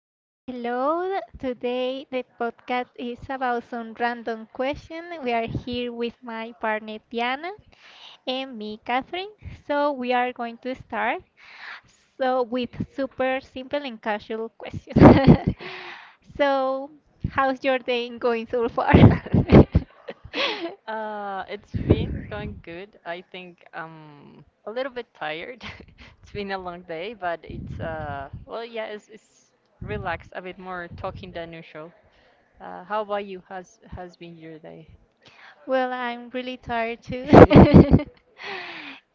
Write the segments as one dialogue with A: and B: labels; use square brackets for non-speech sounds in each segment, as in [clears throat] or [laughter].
A: So, hello. Today the podcast is about some random question. We are
B: yeah.
A: here with my partner Diana and me, Catherine. So, we are going to start. So, with super simple and casual questions. [laughs] So, how's your day going so far? [laughs]
B: [laughs] [laughs] It's been going good. I think I'm a little bit tired. [laughs] It's been a long day, but it's well, yeah, it's relaxed, a bit more talking than usual. How about you? Has been your day?
A: Well, I'm really tired too.
B: [laughs]
A: [laughs]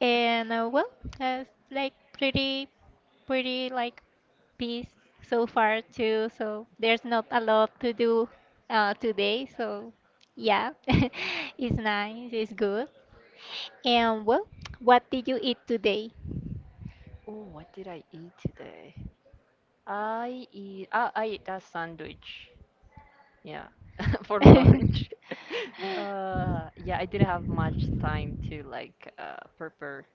A: And well, uh, like pretty, like peace so far too. So there's not a lot to do today. So yeah, [laughs] it's nice, it's good. And well, what did you eat today?
B: Oh, what did I eat today? I ate a sandwich. Yeah, [laughs] for
A: [laughs]
B: lunch. [laughs] Yeah, I didn't have much time to like prepare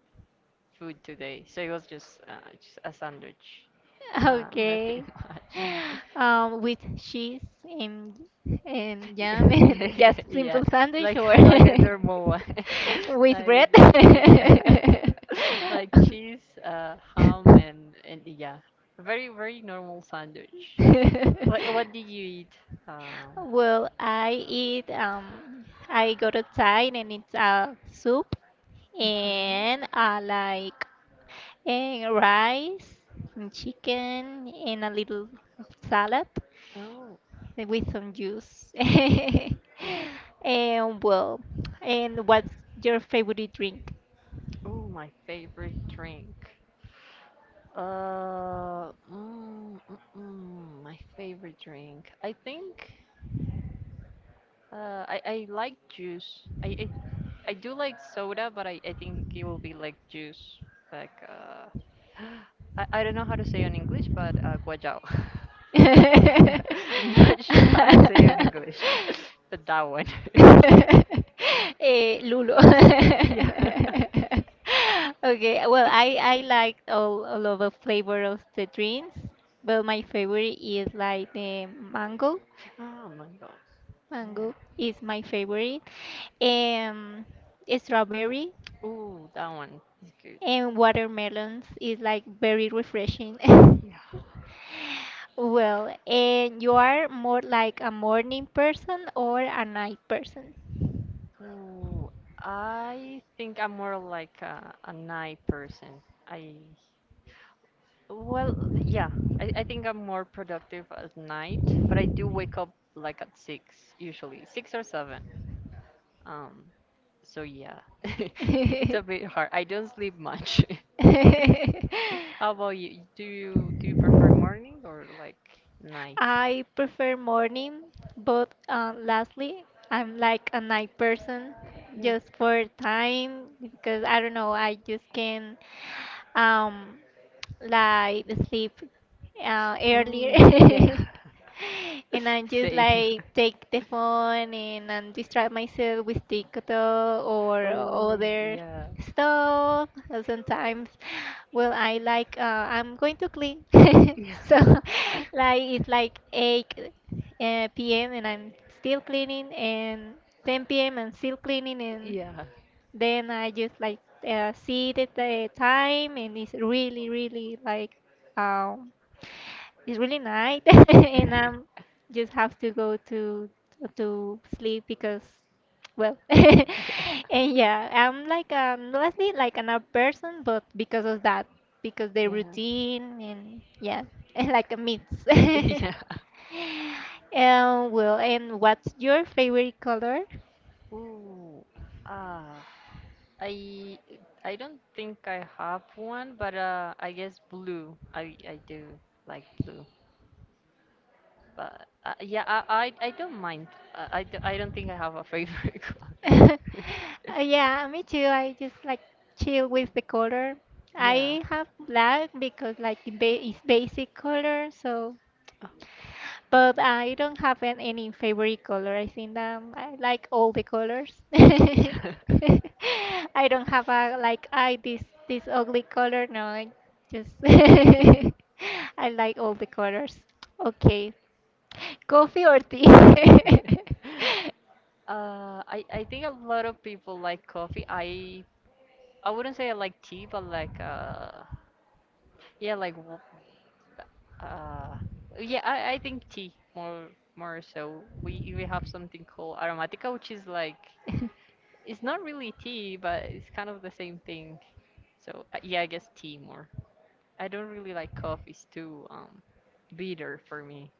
B: food today, so it was just a sandwich,
A: [laughs]
B: nothing
A: Okay.
B: [laughs] much.
A: With cheese and jam
B: [laughs]
A: and
B: Yeah,
A: [laughs] just
B: yeah,
A: simple sandwich
B: like
A: or
B: [laughs] like a normal one. [laughs]
A: [laughs] with
B: Like we
A: bread.
B: did- yeah,
A: [laughs]
B: [laughs] like cheese, ham, and yeah, very normal sandwich. What did you eat? Um,
A: Well, I eat I go outside and it's a soup
B: hmm
A: and I like and rice and chicken and a little of salad
B: Oh,
A: with some juice. [laughs] And well, and what's your favorite drink? [laughs]
B: oh, my favorite drink. Uh, mm, mm, my favorite drink. I like juice. I do like soda, but I think it will be like juice. Like, uh, [gasps] I don't know how to say it in English, but guajao. [laughs] Yeah, [laughs] I'm not sure how to say it in English, [laughs] but that one. [laughs]
A: Lulo.
B: Yeah. [laughs]
A: [laughs] Okay, well, I like all of the flavor of the drinks, but my favorite is like the mango.
B: Oh my God. Yeah.
A: Mango is my favorite. Um, strawberry
B: Ooh, that one is good.
A: and watermelons is like very refreshing. [laughs]
B: Yeah.
A: Well, and you are more like a morning person or a night person?
B: Ooh,
A: [laughs]
B: I think I'm more like a night person. I, well, yeah, I think I'm more productive at night, but I do wake up like at six usually, six or seven. Um, so yeah, [laughs] it's a bit hard. I don't sleep much. [laughs] How about you? Do you prefer
A: [laughs]
B: morning or like night?
A: I prefer morning, but lastly, I'm like a night person
B: Mm.
A: just for time because I don't know, I just can um like sleep earlier.
B: Mm, yeah.
A: [laughs] And I
B: [laughs]
A: just
B: Same.
A: like
B: [laughs]
A: take the phone and distract myself with TikTok or
B: Oh,
A: other
B: yeah.
A: stuff. Sometimes, well, I like I'm going to clean.
B: Yeah.
A: [laughs] So
B: [laughs]
A: like it's like 8 p.m. and I'm still cleaning and 10 p.m. I'm still cleaning and
B: Yeah.
A: then I just like see the time, and it's really, really like um, it's really night. [laughs]
B: [laughs] Yeah.
A: And
B: Yeah. [laughs]
A: I'm just have to go to sleep because well. [laughs] And yeah, I'm like let's be like an up person, but because of that, because the routine and yeah. [laughs] Like a mix. [laughs]
B: Yeah.
A: Well, and what's your favorite color?
B: Ooh, ah, I don't think I have one, but I guess blue. I do like blue. But yeah, I don't mind. I don't think I have a favorite [laughs] color.
A: [laughs] Yeah, me too. I just like chill with the color.
B: Yeah.
A: I have black because like it's basic color, so
B: Oh,
A: but I don't have any favorite color. I think I like all the colors.
B: [laughs]
A: [laughs]
B: Yeah.
A: I don't have a like I this ugly color. No, I just [laughs] I
B: [laughs]
A: like all the colors. Okay, coffee or tea?
B: I think a lot of people like coffee. I wouldn't say I like tea, but yeah, like Uh, yeah, I think tea more so. We have something called aromatica, which is like
A: [laughs]
B: it's not really tea, but it's kind of the same thing. So yeah, I guess tea more. I don't really like coffee. It's too bitter for me.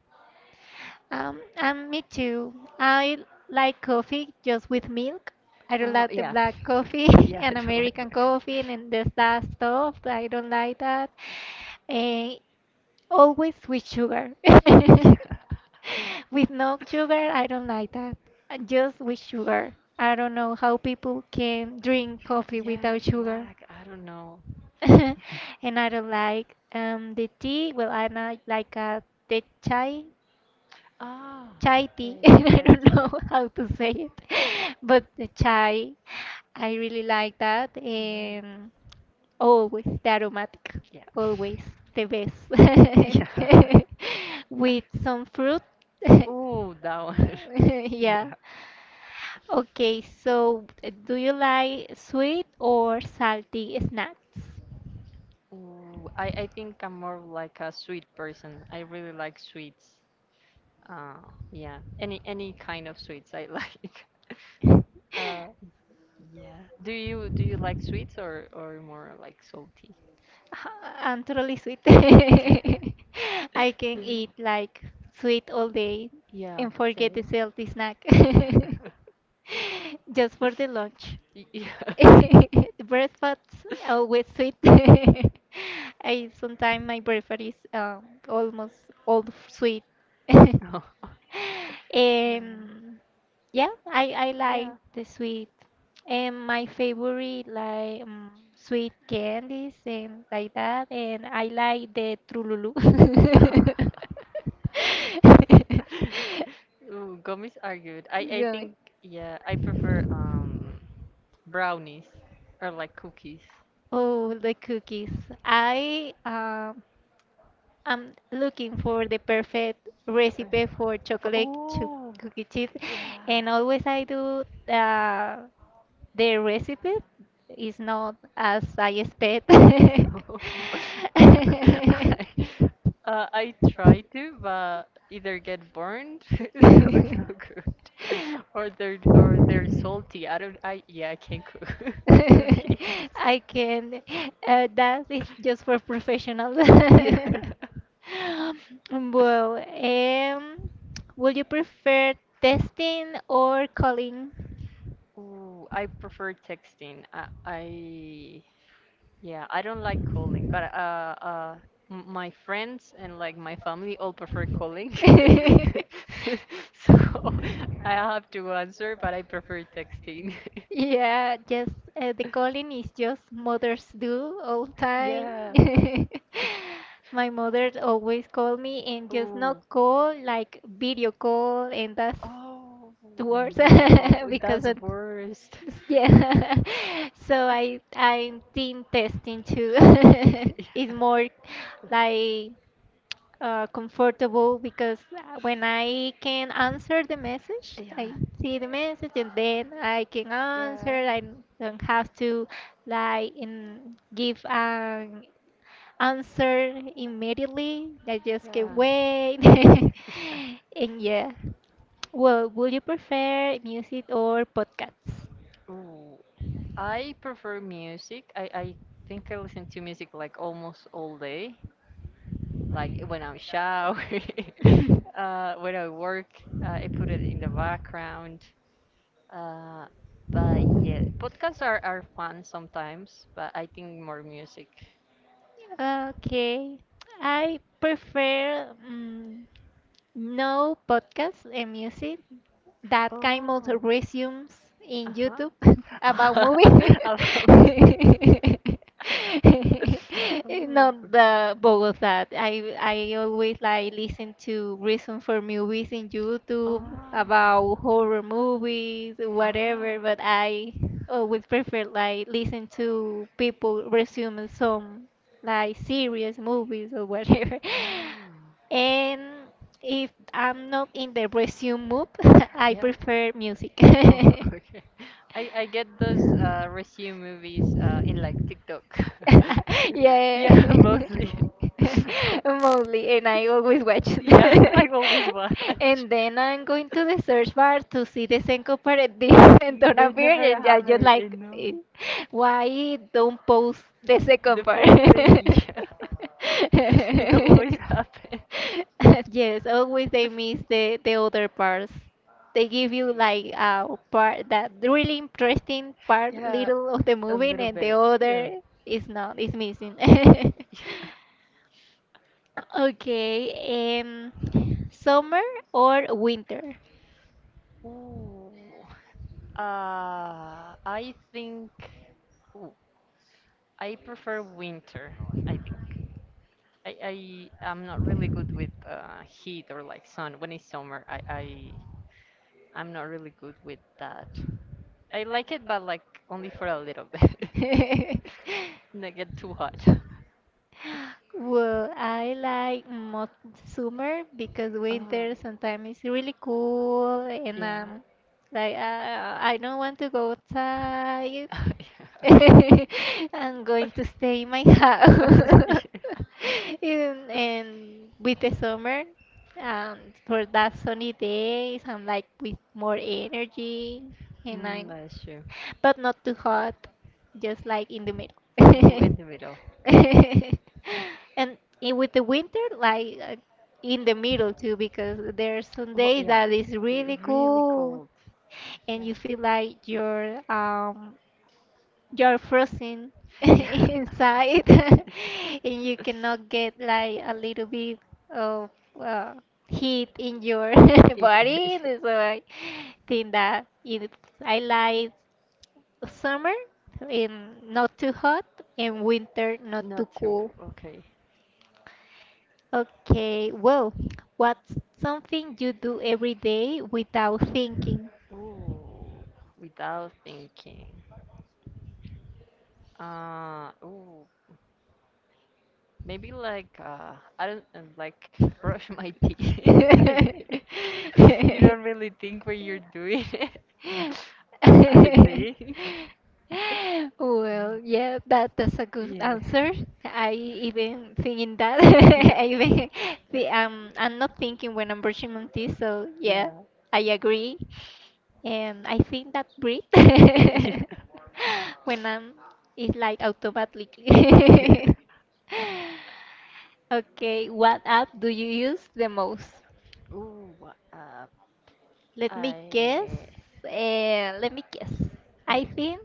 A: And me too. I like coffee just with milk. I don't
B: Oh
A: like the
B: yeah,
A: black coffee
B: [laughs]
A: [laughs]
B: yeah, I
A: and
B: don't like
A: American
B: black coffee.
A: coffee and this that stuff. I don't like that. Eh, always with sugar.
B: [laughs]
A: [laughs]
B: Yeah.
A: With no sugar, I don't like that. Just with sugar. I don't know how people can drink coffee
B: Yeah,
A: without sugar.
B: black. I don't know.
A: [laughs] And I don't like the tea. Well, I not like the chai
B: Ah,
A: chai
B: [laughs]
A: tea. [laughs]
B: right,
A: I don't know
B: Saji.
A: how to say it, [laughs] but the chai, I really like that.
B: Mhm,
A: And always the aromatic,
B: Yeah. [laughs]
A: always the best.
B: Yeah.
A: [laughs] With some fruit. [laughs]
B: Ooh, that one. [laughs]
A: Yeah.
B: Yeah.
A: Okay, so do you like sweet or salty snacks?
B: Ooh, I think I'm more like a sweet person. I really like sweets. Uh, yeah. Any kind of sweets I like. [laughs] Uh, yeah. Do you like sweets or more like salty?
A: [laughs] I'm totally sweet. [laughs] I
B: [laughs]
A: can
B: Yeah.
A: eat like sweet all day
B: Yeah,
A: and forget the
B: same.
A: healthy snack
B: Yeah.
A: [laughs] just for the lunch.
B: [laughs] Y- Yeah.
A: [laughs]
B: [laughs]
A: The breakfast always sweet. [laughs] I sometimes my breakfast is almost all sweet. [laughs]
B: Oh. Mm,
A: um, yeah, I like
B: Yeah.
A: the sweet. And my favorite like sweet candies and like that. And I like the Trululu. [laughs]
B: [laughs] Ooh, gummies are good. I
A: Gummy.
B: think yeah, I prefer brownies. Or like cookies.
A: Oh, the cookies. I am looking for the perfect recipe for
B: For,
A: chocolate chip
B: oh,
A: cookie chips,
B: yeah.
A: and
B: [laughs]
A: always I do uh, the recipe is not as I expect. [laughs]
B: No. [laughs] I, I, I try to, but either get burned, [laughs] so no good, [laughs] or they're salty. I don't. I yeah, I can't cook [laughs] cookies.
A: I can. That is just for professionals.
B: Yeah. [laughs]
A: [laughs] Well, would you prefer testing or calling?
B: Ooh, I prefer texting. I Yeah, I don't like calling, but m- my friends and like my family all prefer calling.
A: Colin.
B: [laughs]
A: [laughs]
B: So [laughs] I have to answer, but I prefer texting. [laughs]
A: Yeah, just the calling is just mothers do all time.
B: Yeah.
A: [laughs] My mother always call me and just
B: Ooh.
A: not call like video call and that's
B: Oh
A: the worst. [laughs]
B: no,
A: That's because
B: that's worst.
A: worst. Yeah. [laughs] So I
B: [laughs]
A: I'm team testing too. [laughs] It's more like comfortable because when I can answer the message,
B: Yeah.
A: I see the message and then I can answer.
B: Yeah.
A: I don't have to like give an answer immediately. I just can wait. [laughs]
B: Yeah.
A: And yeah, well, would you prefer music or podcasts?
B: Ooh, I prefer music. I think I listen to music like almost all day. Like when I'm showering, [laughs] when I work, I put it in the
A: [laughs]
B: background. Uh, but yeah, podcasts are fun sometimes, but I think more music.
A: Okay. I prefer no podcasts and music that kind of
B: Oh.
A: resumes
B: Uh
A: in
B: huh.
A: YouTube [laughs]
B: [laughs]
A: about movie.
B: I love it. [laughs]
A: [laughs] Not the Bogota. I always like listen to reason for movies in YouTube
B: Oh.
A: about horror movies,
B: Oh. Oh.
A: whatever. But I always prefer like listen to people resume some like serious movies or whatever. [laughs]
B: Ah.
A: And if I'm not in the resume mood, [laughs] I
B: Yeah.
A: prefer music.
B: Oh, [laughs]
A: [laughs]
B: okay. I get those resume movies in like TikTok. [laughs]
A: Yeah.
B: Yeah, [laughs]
A: [laughs]
B: mostly. [laughs]
A: Mostly, and I always watch.
B: Yeah, [laughs]
A: [laughs]
B: I always watch. [laughs]
A: And then I'm going to the search bar to see the syncopate [laughs] and
B: Y-
A: don't
B: They
A: appear,
B: never
A: [laughs] and I
B: have
A: just
B: it, you
A: like,
B: know.
A: why it don't post the second
B: The
A: part?
B: full thing, [laughs] yeah. It always
A: [laughs]
B: happens.
A: Yes, always they miss the other parts. They give you like part that really interesting part
B: Yeah,
A: little of the
B: a
A: movie
B: little
A: and the
B: bit. Yeah.
A: other is not is missing.
B: Yeah.
A: [laughs] Okay, summer or winter?
B: Ooh. I think. Ooh, I prefer winter. I think. I am not really good with heat or like sun. When it's summer, I'm not really good with that. I like it, but like only for a little bit. [laughs]
A: [laughs]
B: Not get too hot. [laughs]
A: Well, I like most summer because
B: Oh,
A: winter sometimes is really cool and
B: yeah.
A: like I don't want to go outside.
B: [laughs] Yeah. [laughs]
A: [laughs] I'm going to stay in my house.
B: Yeah.
A: [laughs] And with the summer um, for that sunny days I'm like with more energy and
B: Mm,
A: I'm
B: that's true.
A: but not too hot, just like in the middle.
B: Ooh, in
A: [laughs]
B: the middle.
A: And with the winter like in the middle too because there's some
B: Well,
A: days
B: yeah.
A: that is
B: Eh,
A: really
B: really
A: cool
B: cold.
A: and
B: Yeah.
A: you feel like you're frozen [laughs]
B: Yeah. [laughs]
A: inside [laughs] and you cannot
B: [laughs]
A: get like a little bit of uh, heat in your [laughs]
B: Yeah. Yeah.
A: body, so I think that I like summer and not too hot and winter not too
B: Not two.
A: cool.
B: Okay.
A: Okay, well, what's something you do every day without thinking?
B: Ooh, without thinking. Uh, ooh, Maybe like I don't like [laughs] brush my teeth. [laughs] I
A: [laughs]
B: think you don't really think when you're doing it. [laughs] I think.
A: Well, yeah, that's a good
B: Yeah.
A: answer. I even thinking that. [laughs] I even
B: [laughs]
A: the I'm not thinking when I'm brushing my teeth, so yeah,
B: Yeah.
A: I agree. And I think that breathe
B: [laughs] Yeah.
A: [laughs] when I'm it's like automatically.
B: Yeah.
A: [laughs] Okay, what app do you use the most?
B: Ooh, uh,
A: Let me guess.
B: I
A: Let me guess. I
B: Okay.
A: think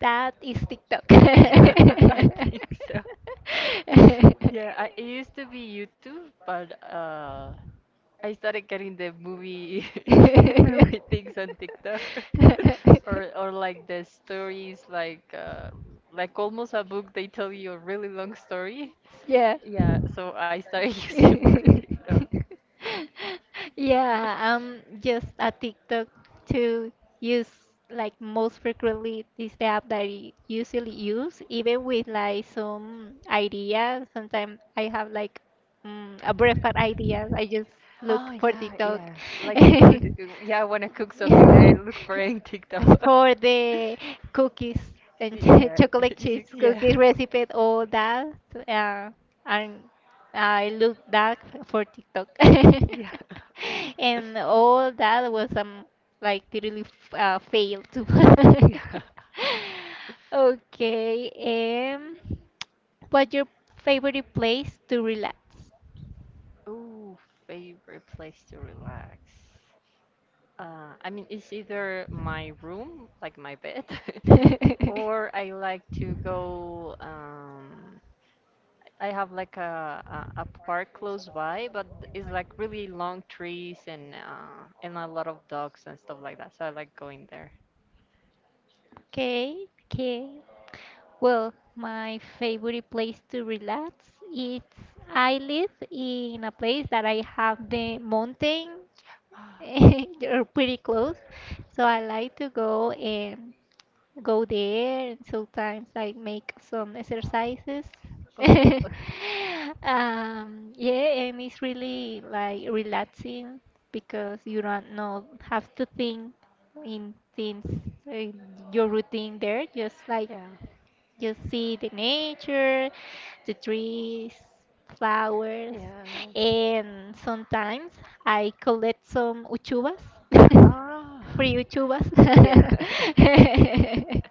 A: that is TikTok. [laughs]
B: [laughs] Yeah, [laughs] I
A: [laughs]
B: think so. [laughs] Yeah, I, it used to be YouTube, but I started getting the movie [laughs] movie things on TikTok, [laughs] or like the stories, like almost a book. They tell you a really long story.
A: Yeah.
B: Yeah,
A: [laughs]
B: so I started [laughs] using more TikTok.
A: am [laughs] just a TikTok to use like most frequently is the app that I usually use, even with like some ideas. Sometimes I have like a breakfast idea. I just look
B: Oh
A: for
B: yeah,
A: TikTok.
B: yeah. Like
A: [laughs]
B: food. Yeah, I wanna cook something. I look for any TikTok. [laughs]
A: For the cookies and [laughs]
B: Yeah,
A: chocolate
B: [laughs] yeah,
A: cheese
B: yeah,
A: cookies recipe, all that. Uh, and I look that for TikTok. [laughs]
B: [laughs]
A: And all that was like totally failed too. [laughs]
B: yeah.
A: Okay, um, what's your favorite place to relax?
B: Oh, favorite place to relax. I mean, it's either my room, like my bed, [laughs]
A: [laughs]
B: or I like to go. I have like a park close by, but it's like really long trees and a lot of dogs and stuff like that. So I like going there.
A: Okay, okay. Well, my favorite place to relax is I live in a place that I have the mountain. [laughs]
B: [gasps]
A: They're pretty close, so I like to go there and sometimes like make some exercises. [laughs]
B: Oh, [laughs]
A: Yeah, and it's really like relaxing because you don't know have to think in things uh, your routine there, just like
B: yeah,
A: you see the nature, the trees, flowers,
B: yeah.
A: and sometimes I collect some uchuvas,
B: Ah,
A: [laughs] free uchuvas.
B: yeah. [laughs]
A: [laughs]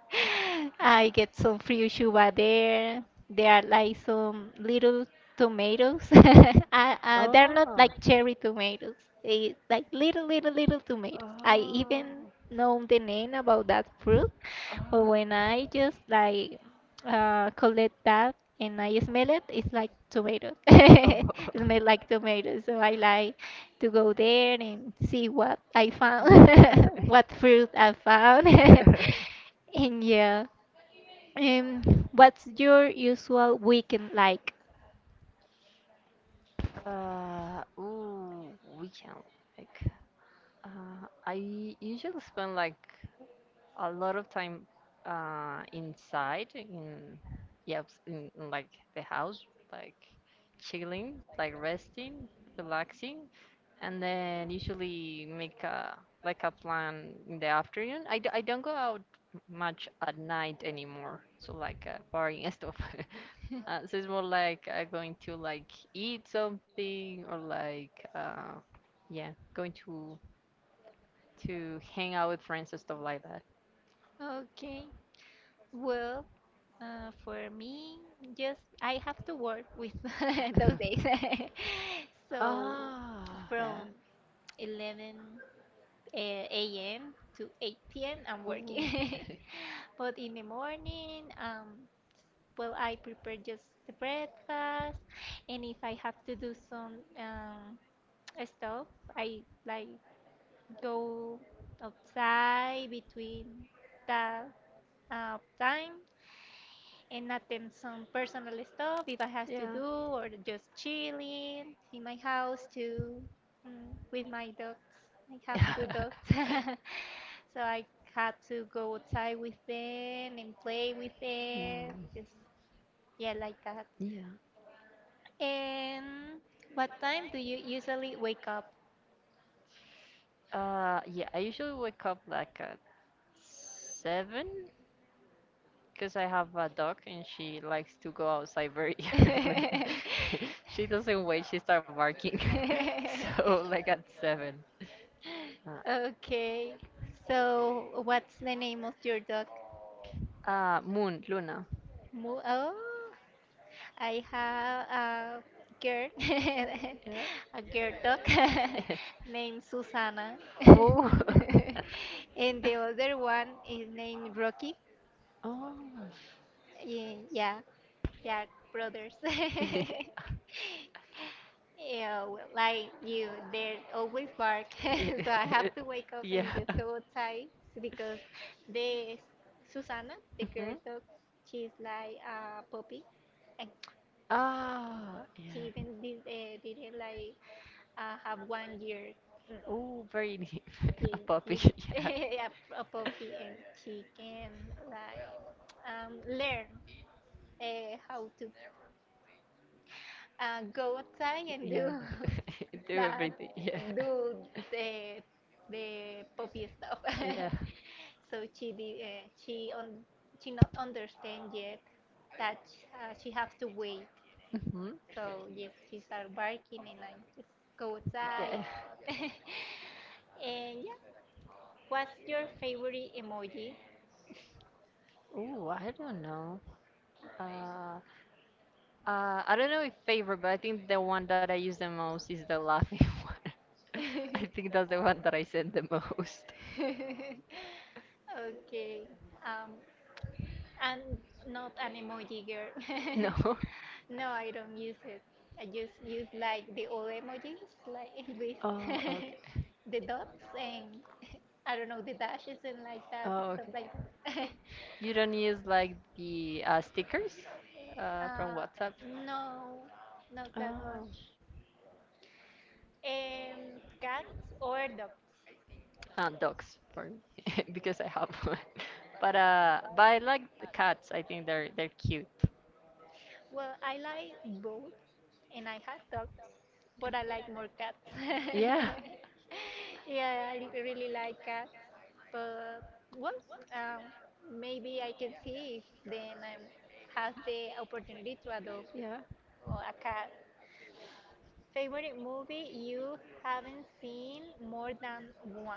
A: I get some free uchuva there. There are like some little tomatoes. [laughs] They're not
B: Oh.
A: like cherry tomatoes. It's like little, little, little tomatoes. I
B: Oh.
A: even know the name about that fruit, but
B: Oh.
A: when I just like collect that and I smell it, it's like tomato. [laughs]
B: Oh.
A: It
B: [laughs]
A: smells like tomato. So I like to go there and see what I found, [laughs]
B: Uh,
A: what fruit I found. [laughs]
B: [laughs]
A: And yeah, um, what's your usual weekend like?
B: Uh, ooh, Weekend. Like, I usually spend like a lot of time inside in yeah ups- in like the house, like chilling, like resting, relaxing. And then usually make a like a plan in the afternoon. I don't go out much at night anymore, so like partying and stuff. [laughs] So it's more like going to like eat something or like yeah, going to hang out with friends and stuff like that.
A: Okay, well, for me, just I have to work with [laughs] those days.
B: [laughs]
A: [laughs] So
B: Ah, yeah.
A: from 11 a.m. to 8 p.m. I'm working.
B: Ooh.
A: [laughs]
B: [laughs]
A: But in the morning, well, I prepare just the breakfast, and if I have to do some stuff, I like go outside between that time and not them some personal stuff if I has to do or just chilling in my house too, with my dogs. I have 2 dogs,
B: [laughs]
A: [laughs] so I had to go outside with them and play with them.
B: Mm,
A: Just yeah, like that.
B: yeah.
A: And what time do you usually wake up?
B: Yeah, I usually wake up like at seven because I have a dog and she likes to go outside very [laughs] early. [laughs]
A: [laughs]
B: She doesn't wait, she starts barking. [laughs] So like at seven. Uh,
A: Okay, so what's the name of your dog?
B: Moon, Luna.
A: Moo? Oh, I have a girl,
B: Yeah. [laughs]
A: [laughs] a girl dog [laughs] named Susana, [laughs]
B: Oh. [laughs]
A: and the other one is named Rocky.
B: Oh.
A: Yeah, they are brothers. [laughs]
B: [laughs]
A: Yeah, well, like you, they always bark, [laughs] so I have
B: Yeah.
A: to wake up
B: [laughs]
A: and just
B: Yeah.
A: go outside because the Susana, the girl
B: Mhm.
A: dog, she's like a puppy, and
B: Ah,
A: she
B: yeah.
A: even didn't like have 1 year. Mm,
B: Oh, very deep. [laughs] A
A: She,
B: puppy,
A: she's
B: [laughs]
A: [laughs]
B: yeah.
A: a puppy and she can like learn how to go outside and do
B: Yeah, [laughs]
A: [laughs]
B: do
A: that,
B: everything. Yeah.
A: do the, the puppy stuff. [laughs]
B: Yeah.
A: so she did, she on she not understand yet that she have to wait.
B: Hmm.
A: So yes, she started barking, and I just go
B: Yeah.
A: outside. [laughs] and yeah, what's your favorite emoji?
B: Oh, I don't know. Uh, I don't know if favorite, but I think the one that I use the most is the laughing [laughs] one. I
A: [laughs]
B: think that's the one that I said the most.
A: Okay, um, I'm not an emoji girl.
B: No. [laughs]
A: [laughs] No, I don't use it. I just use like the old emojis, like [laughs] this,
B: Oh,
A: [laughs]
B: okay.
A: the dots and I don't know the dashes and like that
B: Oh,
A: stuff
B: okay.
A: like that. [laughs]
B: You don't use like the stickers from
A: Uh,
B: WhatsApp?
A: no, not that
B: Oh,
A: much. Cats or dogs?
B: and dogs for me [laughs] because I have one. [laughs] But I like the cats. I think they're cute.
A: Well, I like both, and I have dogs, but I like more cats.
B: Yeah.
A: [laughs] Yeah, I really like cats, but well, um, maybe I can see if then I have the opportunity to adopt
B: Yeah.
A: a cat. Favorite movie you haven't seen more than one?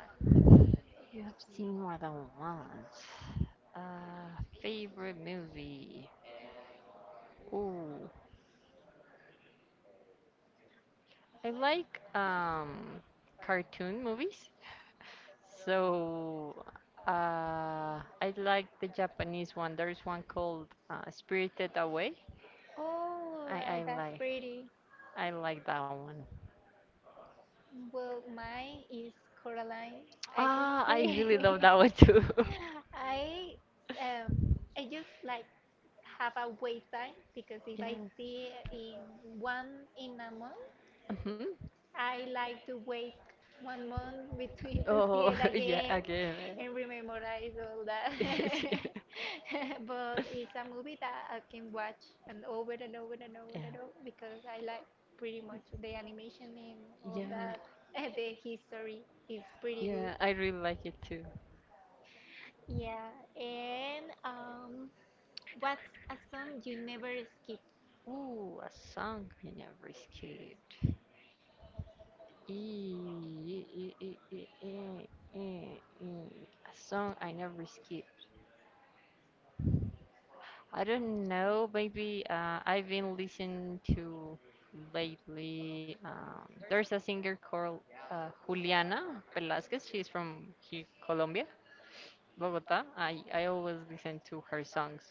B: You have seen more than once. Favorite movie? Ooh, I like cartoon movies. So, I like the Japanese one. There's one called Spirited Away.
A: Oh,
B: I I
A: that's
B: like
A: pretty.
B: I like that one.
A: Well, mine is Coraline. I can
B: Ah,
A: Ah,
B: I
A: see.
B: really
A: See.
B: love that one too.
A: [laughs]
B: [laughs]
A: I um, I just like have a wait time because if I
B: Yeah.
A: see in one in a month,
B: Hmm.
A: I like to wait 1 month between to see
B: Oh,
A: it
B: [laughs] yeah,
A: again
B: again. Eh.
A: and rememorize all that. [laughs]
B: [laughs]
A: But it's a movie that I can watch and over and over and over and
B: Yeah,
A: over because I like pretty much the animation and all
B: yeah,
A: that. [laughs] The history is pretty good.
B: yeah, I really like it too.
A: Yeah, and what's a song you never skip?
B: Ooh, a song I never skipped. E- e- e- e- e- e- e- e. A song I never skip. I don't know. Maybe I've been listening to lately. There's a singer called Juliana Velasquez. She's from here, Colombia, Bogota. I always listen to her songs.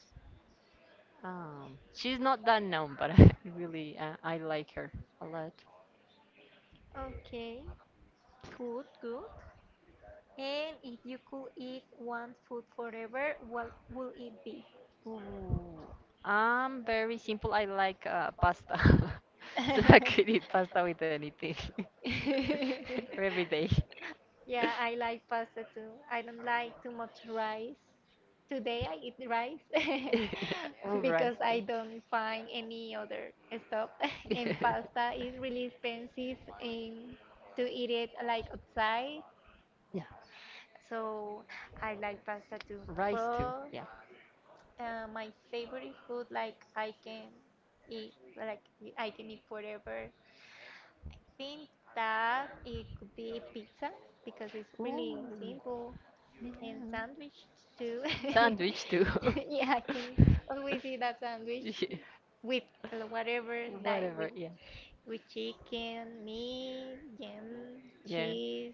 B: She's not that known, but [laughs] I really I like her a lot.
A: Okay, good, good. And if you could eat one food forever, what would it be?
B: Ooh, I'm very simple. I like pasta, [laughs] so I could eat
A: [laughs]
B: pasta with anything [laughs] for every day.
A: Yeah, I like pasta too. I don't like too much rice. Today I eat rice
B: [laughs]
A: [laughs]
B: All right.
A: because
B: [laughs]
A: I
B: Then.
A: don't find any other stuff. [laughs] And pasta is really expensive and to eat it like outside.
B: Yeah,
A: So I like pasta too.
B: rice too.
A: But
B: Yeah.
A: My favorite food, like I can eat, like I can eat forever. I think that it could be pizza because it's really
B: Ooh,
A: simple, and
B: yeah.
A: sandwich too.
B: Sandwich too.
A: [laughs] Yeah, I can always
B: [laughs]
A: eat that sandwich
B: Yeah,
A: with whatever, like with
B: whatever. Yeah.
A: with chicken, meat, jam,
B: Yeah.
A: cheese.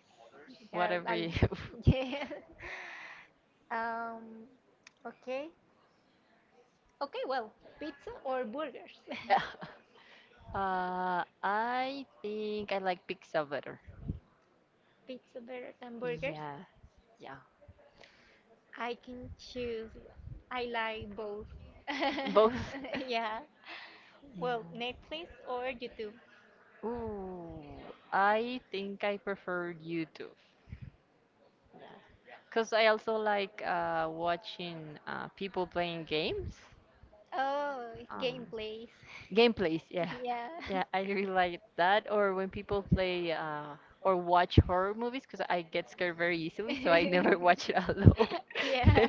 A: Yeah,
B: Whatever you.
A: I'll-
B: [laughs]
A: [laughs] yeah. Um. Okay. Okay, well, pizza or burgers?
B: Yeah.
A: [laughs]
B: I think I like pizza better.
A: Pizza better than burgers.
B: Yeah. Yeah.
A: I can choose. I like both. [laughs]
B: Both. [laughs]
A: Yeah.
B: Yeah.
A: Well, Netflix or YouTube?
B: Ooh, I think I prefer YouTube. Yeah. Because I also like watching people playing games.
A: Oh,
B: Um,
A: gameplays. [laughs]
B: Gameplays, yeah.
A: Yeah.
B: Yeah, I really like that. Or when people play or watch horror movies, because I get scared very easily, so I never [laughs] watch it alone.
A: [laughs] Yeah.
B: [laughs]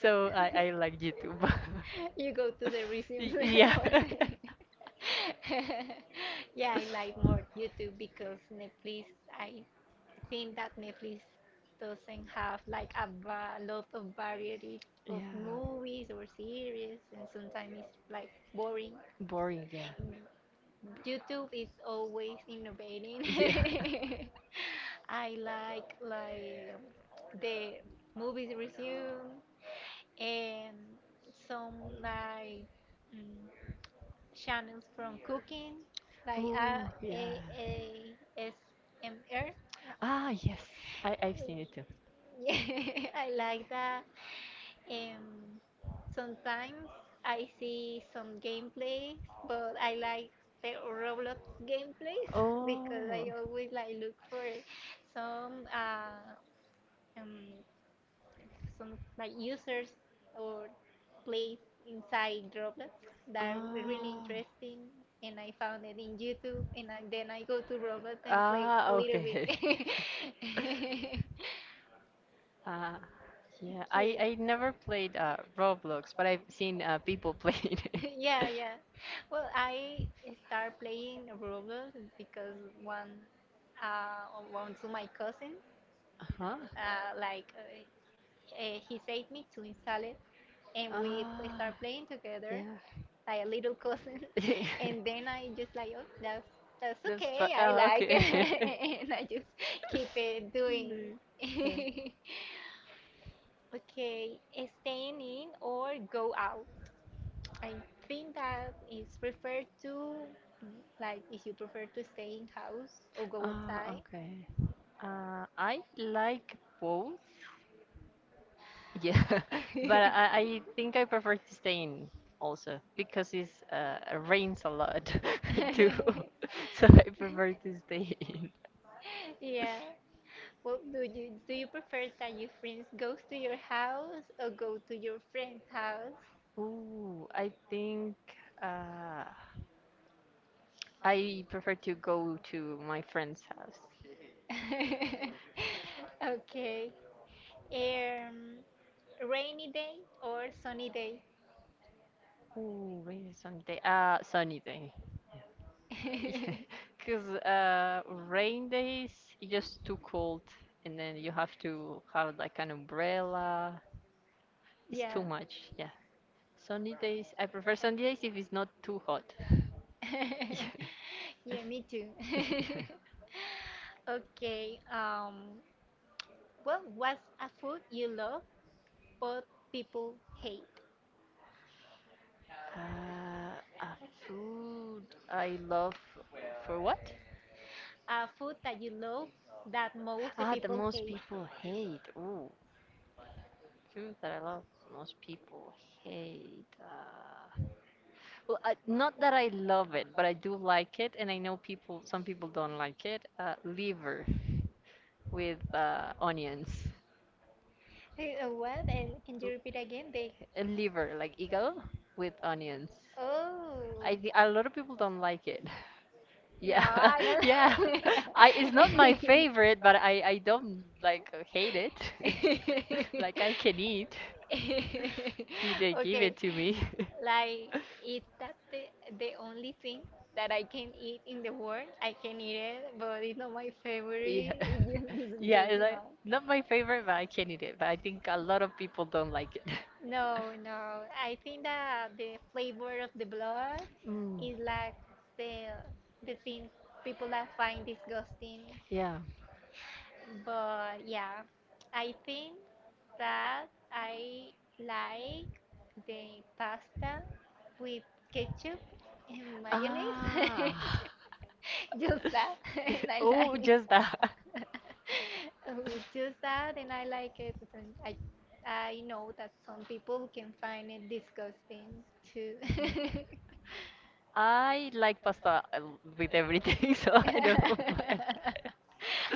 B: So I like YouTube. [laughs]
A: You go to the resumes [laughs] for
B: Y- Yeah.
A: the
B: [laughs]
A: [laughs] yeah, I like more YouTube because Netflix I think that Netflix doesn't have like a lot of variety of
B: Yeah.
A: movies or series, and sometimes it's like boring.
B: Boring, yeah.
A: Mm, YouTube is always innovating.
B: Yeah. [laughs]
A: [laughs] I like the movies resume and some like mm, channels from cooking, like
B: Oh,
A: A
B: yeah.
A: A S M R.
B: Ah, yes. I I've seen it too.
A: Yeah, [laughs] I like that. Um, Sometimes I see some gameplays, but I like the Roblox gameplays [laughs] because I
B: Oh.
A: always like look for some uh, um, some like users or plays inside Roblox that are really
B: Ah.
A: interesting, and I found it in YouTube, and then I go to Roblox and play a
B: Ah,
A: little bit.
B: okay.
A: [laughs]
B: [laughs] Uh, yeah,
A: Okay.
B: I never played Roblox, but I've seen people playing it.
A: [laughs] Yeah, yeah. Well, I start playing Roblox because one, one to my cousin,
B: [laughs] Uh-huh.
A: uh, like uh, he saved me to install it, and we start
B: Ah,
A: playing together,
B: yeah.
A: like a little cousin, [laughs] and then
B: [laughs]
A: I just like, oh, that's
B: Just
A: okay,
B: for
A: I
B: ah,
A: like
B: okay. [laughs]
A: it, [laughs] and I just keep it doing.
B: Mm, yeah.
A: [laughs] Okay, staying in or go out? I think that is preferred to like if you prefer to stay in house or go outside.
B: Ah, okay. I like both. Yeah, [laughs] but I think I prefer to stay in also because it's rains a lot [laughs] too,
A: [laughs]
B: [laughs] so I prefer to stay in.
A: Yeah. Well, do you prefer that your friends goes to your house or go to your friend's house?
B: Ooh, I think uh I prefer to go to my friend's house.
A: [laughs] Okay. Um, Rainy day or sunny day?
B: Ooh, rain or sunny day. Sunny day. [laughs] Yeah,
A: [laughs]
B: because rain days it's just too cold, and then you have to have like an umbrella. It's
A: Yeah.
B: too much. Yeah. Sunny days. I prefer sunny days if it's not too hot. [laughs]
A: [laughs]
B: Yeah.
A: Yeah, me too. [laughs]
B: [laughs]
A: Okay, what's a food you love but people hate?
B: Uh, a food I love for what?
A: A food that you love that most the
B: Ah, the
A: people
B: most
A: hate.
B: people hate. Ooh, food that I love. Most people hate. Well, not that I love it, but I do like it, and I know people. Some people don't like it. Liver with onions.
A: Hey, what? And can you repeat again?
B: l-
A: They,
B: a liver, like eagle with onions.
A: oh,
B: I think a lot of people don't like it. [laughs]
A: no,
B: Yeah,
A: I don't.
B: [laughs] yeah. [laughs] I it's not my favorite, but I don't like hate it. [laughs] Like I can
A: [laughs]
B: eat.
A: [laughs]
B: [laughs] Did
A: [laughs]
B: they
A: Okay,
B: give it to me? [laughs]
A: like is that the only thing that I can eat in the world? I can eat it, but it's not my favorite.
B: Yeah. [laughs]
A: [laughs]
B: Yeah,
A: Just
B: it's like
A: no,
B: not my favorite, but I can eat it. But I think a lot of people don't like it. [laughs]
A: no. I think that the flavor of the blood
B: Mm.
A: is like the the thing people that find disgusting.
B: Yeah.
A: But yeah, I think that I like the pasta with ketchup and mayonnaise. [laughs]
B: Ah. [laughs]
A: Just that,
B: [laughs]
A: [laughs] and
B: [laughs]
A: I like
B: Oh,
A: it.
B: just that.
A: [laughs] With just that, and I like it. And I know that some people can find it disgusting too.
B: I like pasta with everything, [laughs] so I don't
A: [laughs]
B: mind.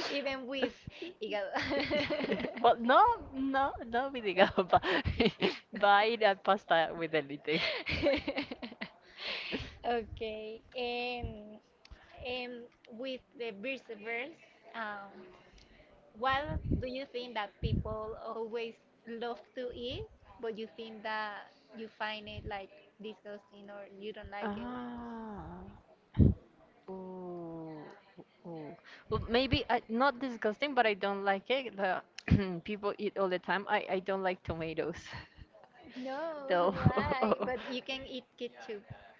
A: Even with hígado.
B: [laughs] But no, no, not with the gamba. [laughs] Buy that pasta with anything. [laughs]
A: [laughs] Okay, and with the Birseverse, um, what do you think that people always love to eat, but you think that you find it like disgusting or you don't like it?
B: Ah, ooh, ooh. Well, not disgusting, but I don't like it. The [clears throat] people eat all the time. I don't like tomatoes,
A: No,
B: [laughs]
A: [laughs]
B: though. [laughs]
A: why? But you can eat ketchup.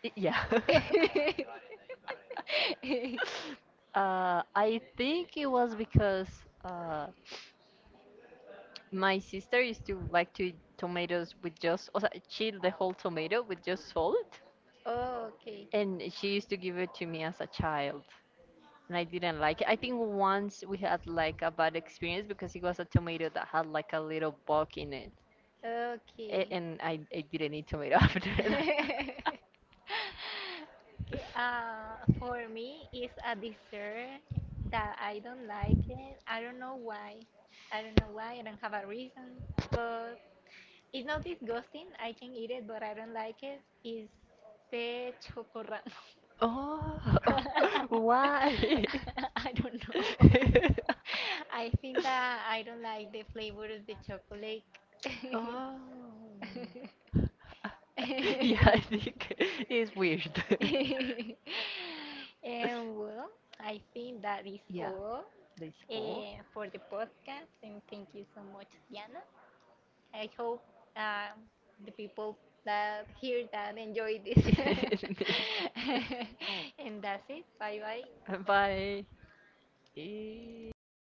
B: Y- Yeah. [laughs]
A: [laughs]
B: I think it was because uh, my sister used to like to eat tomatoes with just, o sea, chill the whole tomato with just salt,
A: Oh, okay.
B: and she used to give it to me as a child. And I didn't like it. I think once we had like a bad experience because it was a tomato that had like a little bug in it,
A: Okay.
B: A- and I didn't eat tomato [laughs] after that.
A: [laughs]
B: [laughs]
A: Okay, for me, it's a dessert that I don't like it. I don't know why. I don't know why. I don't have a reason. But it's not disgusting. I can eat it, but I don't like it. It's the chocorra.
B: Oh, [laughs]
A: [laughs]
B: why? [laughs]
A: [laughs] I don't know. [laughs] I think that I don't like the flavor of the chocolate.
B: Oh,
A: [laughs] [laughs]
B: [laughs] yeah,
A: and
B: I think it's weird. [laughs]
A: well, I think that is
B: Yeah,
A: all
B: they score.
A: for the podcast. And thank you so much, Diana. I hope uh, the people that hear that enjoy this. [laughs] And that's it. Bye bye.
B: [laughs] Bye. Eh.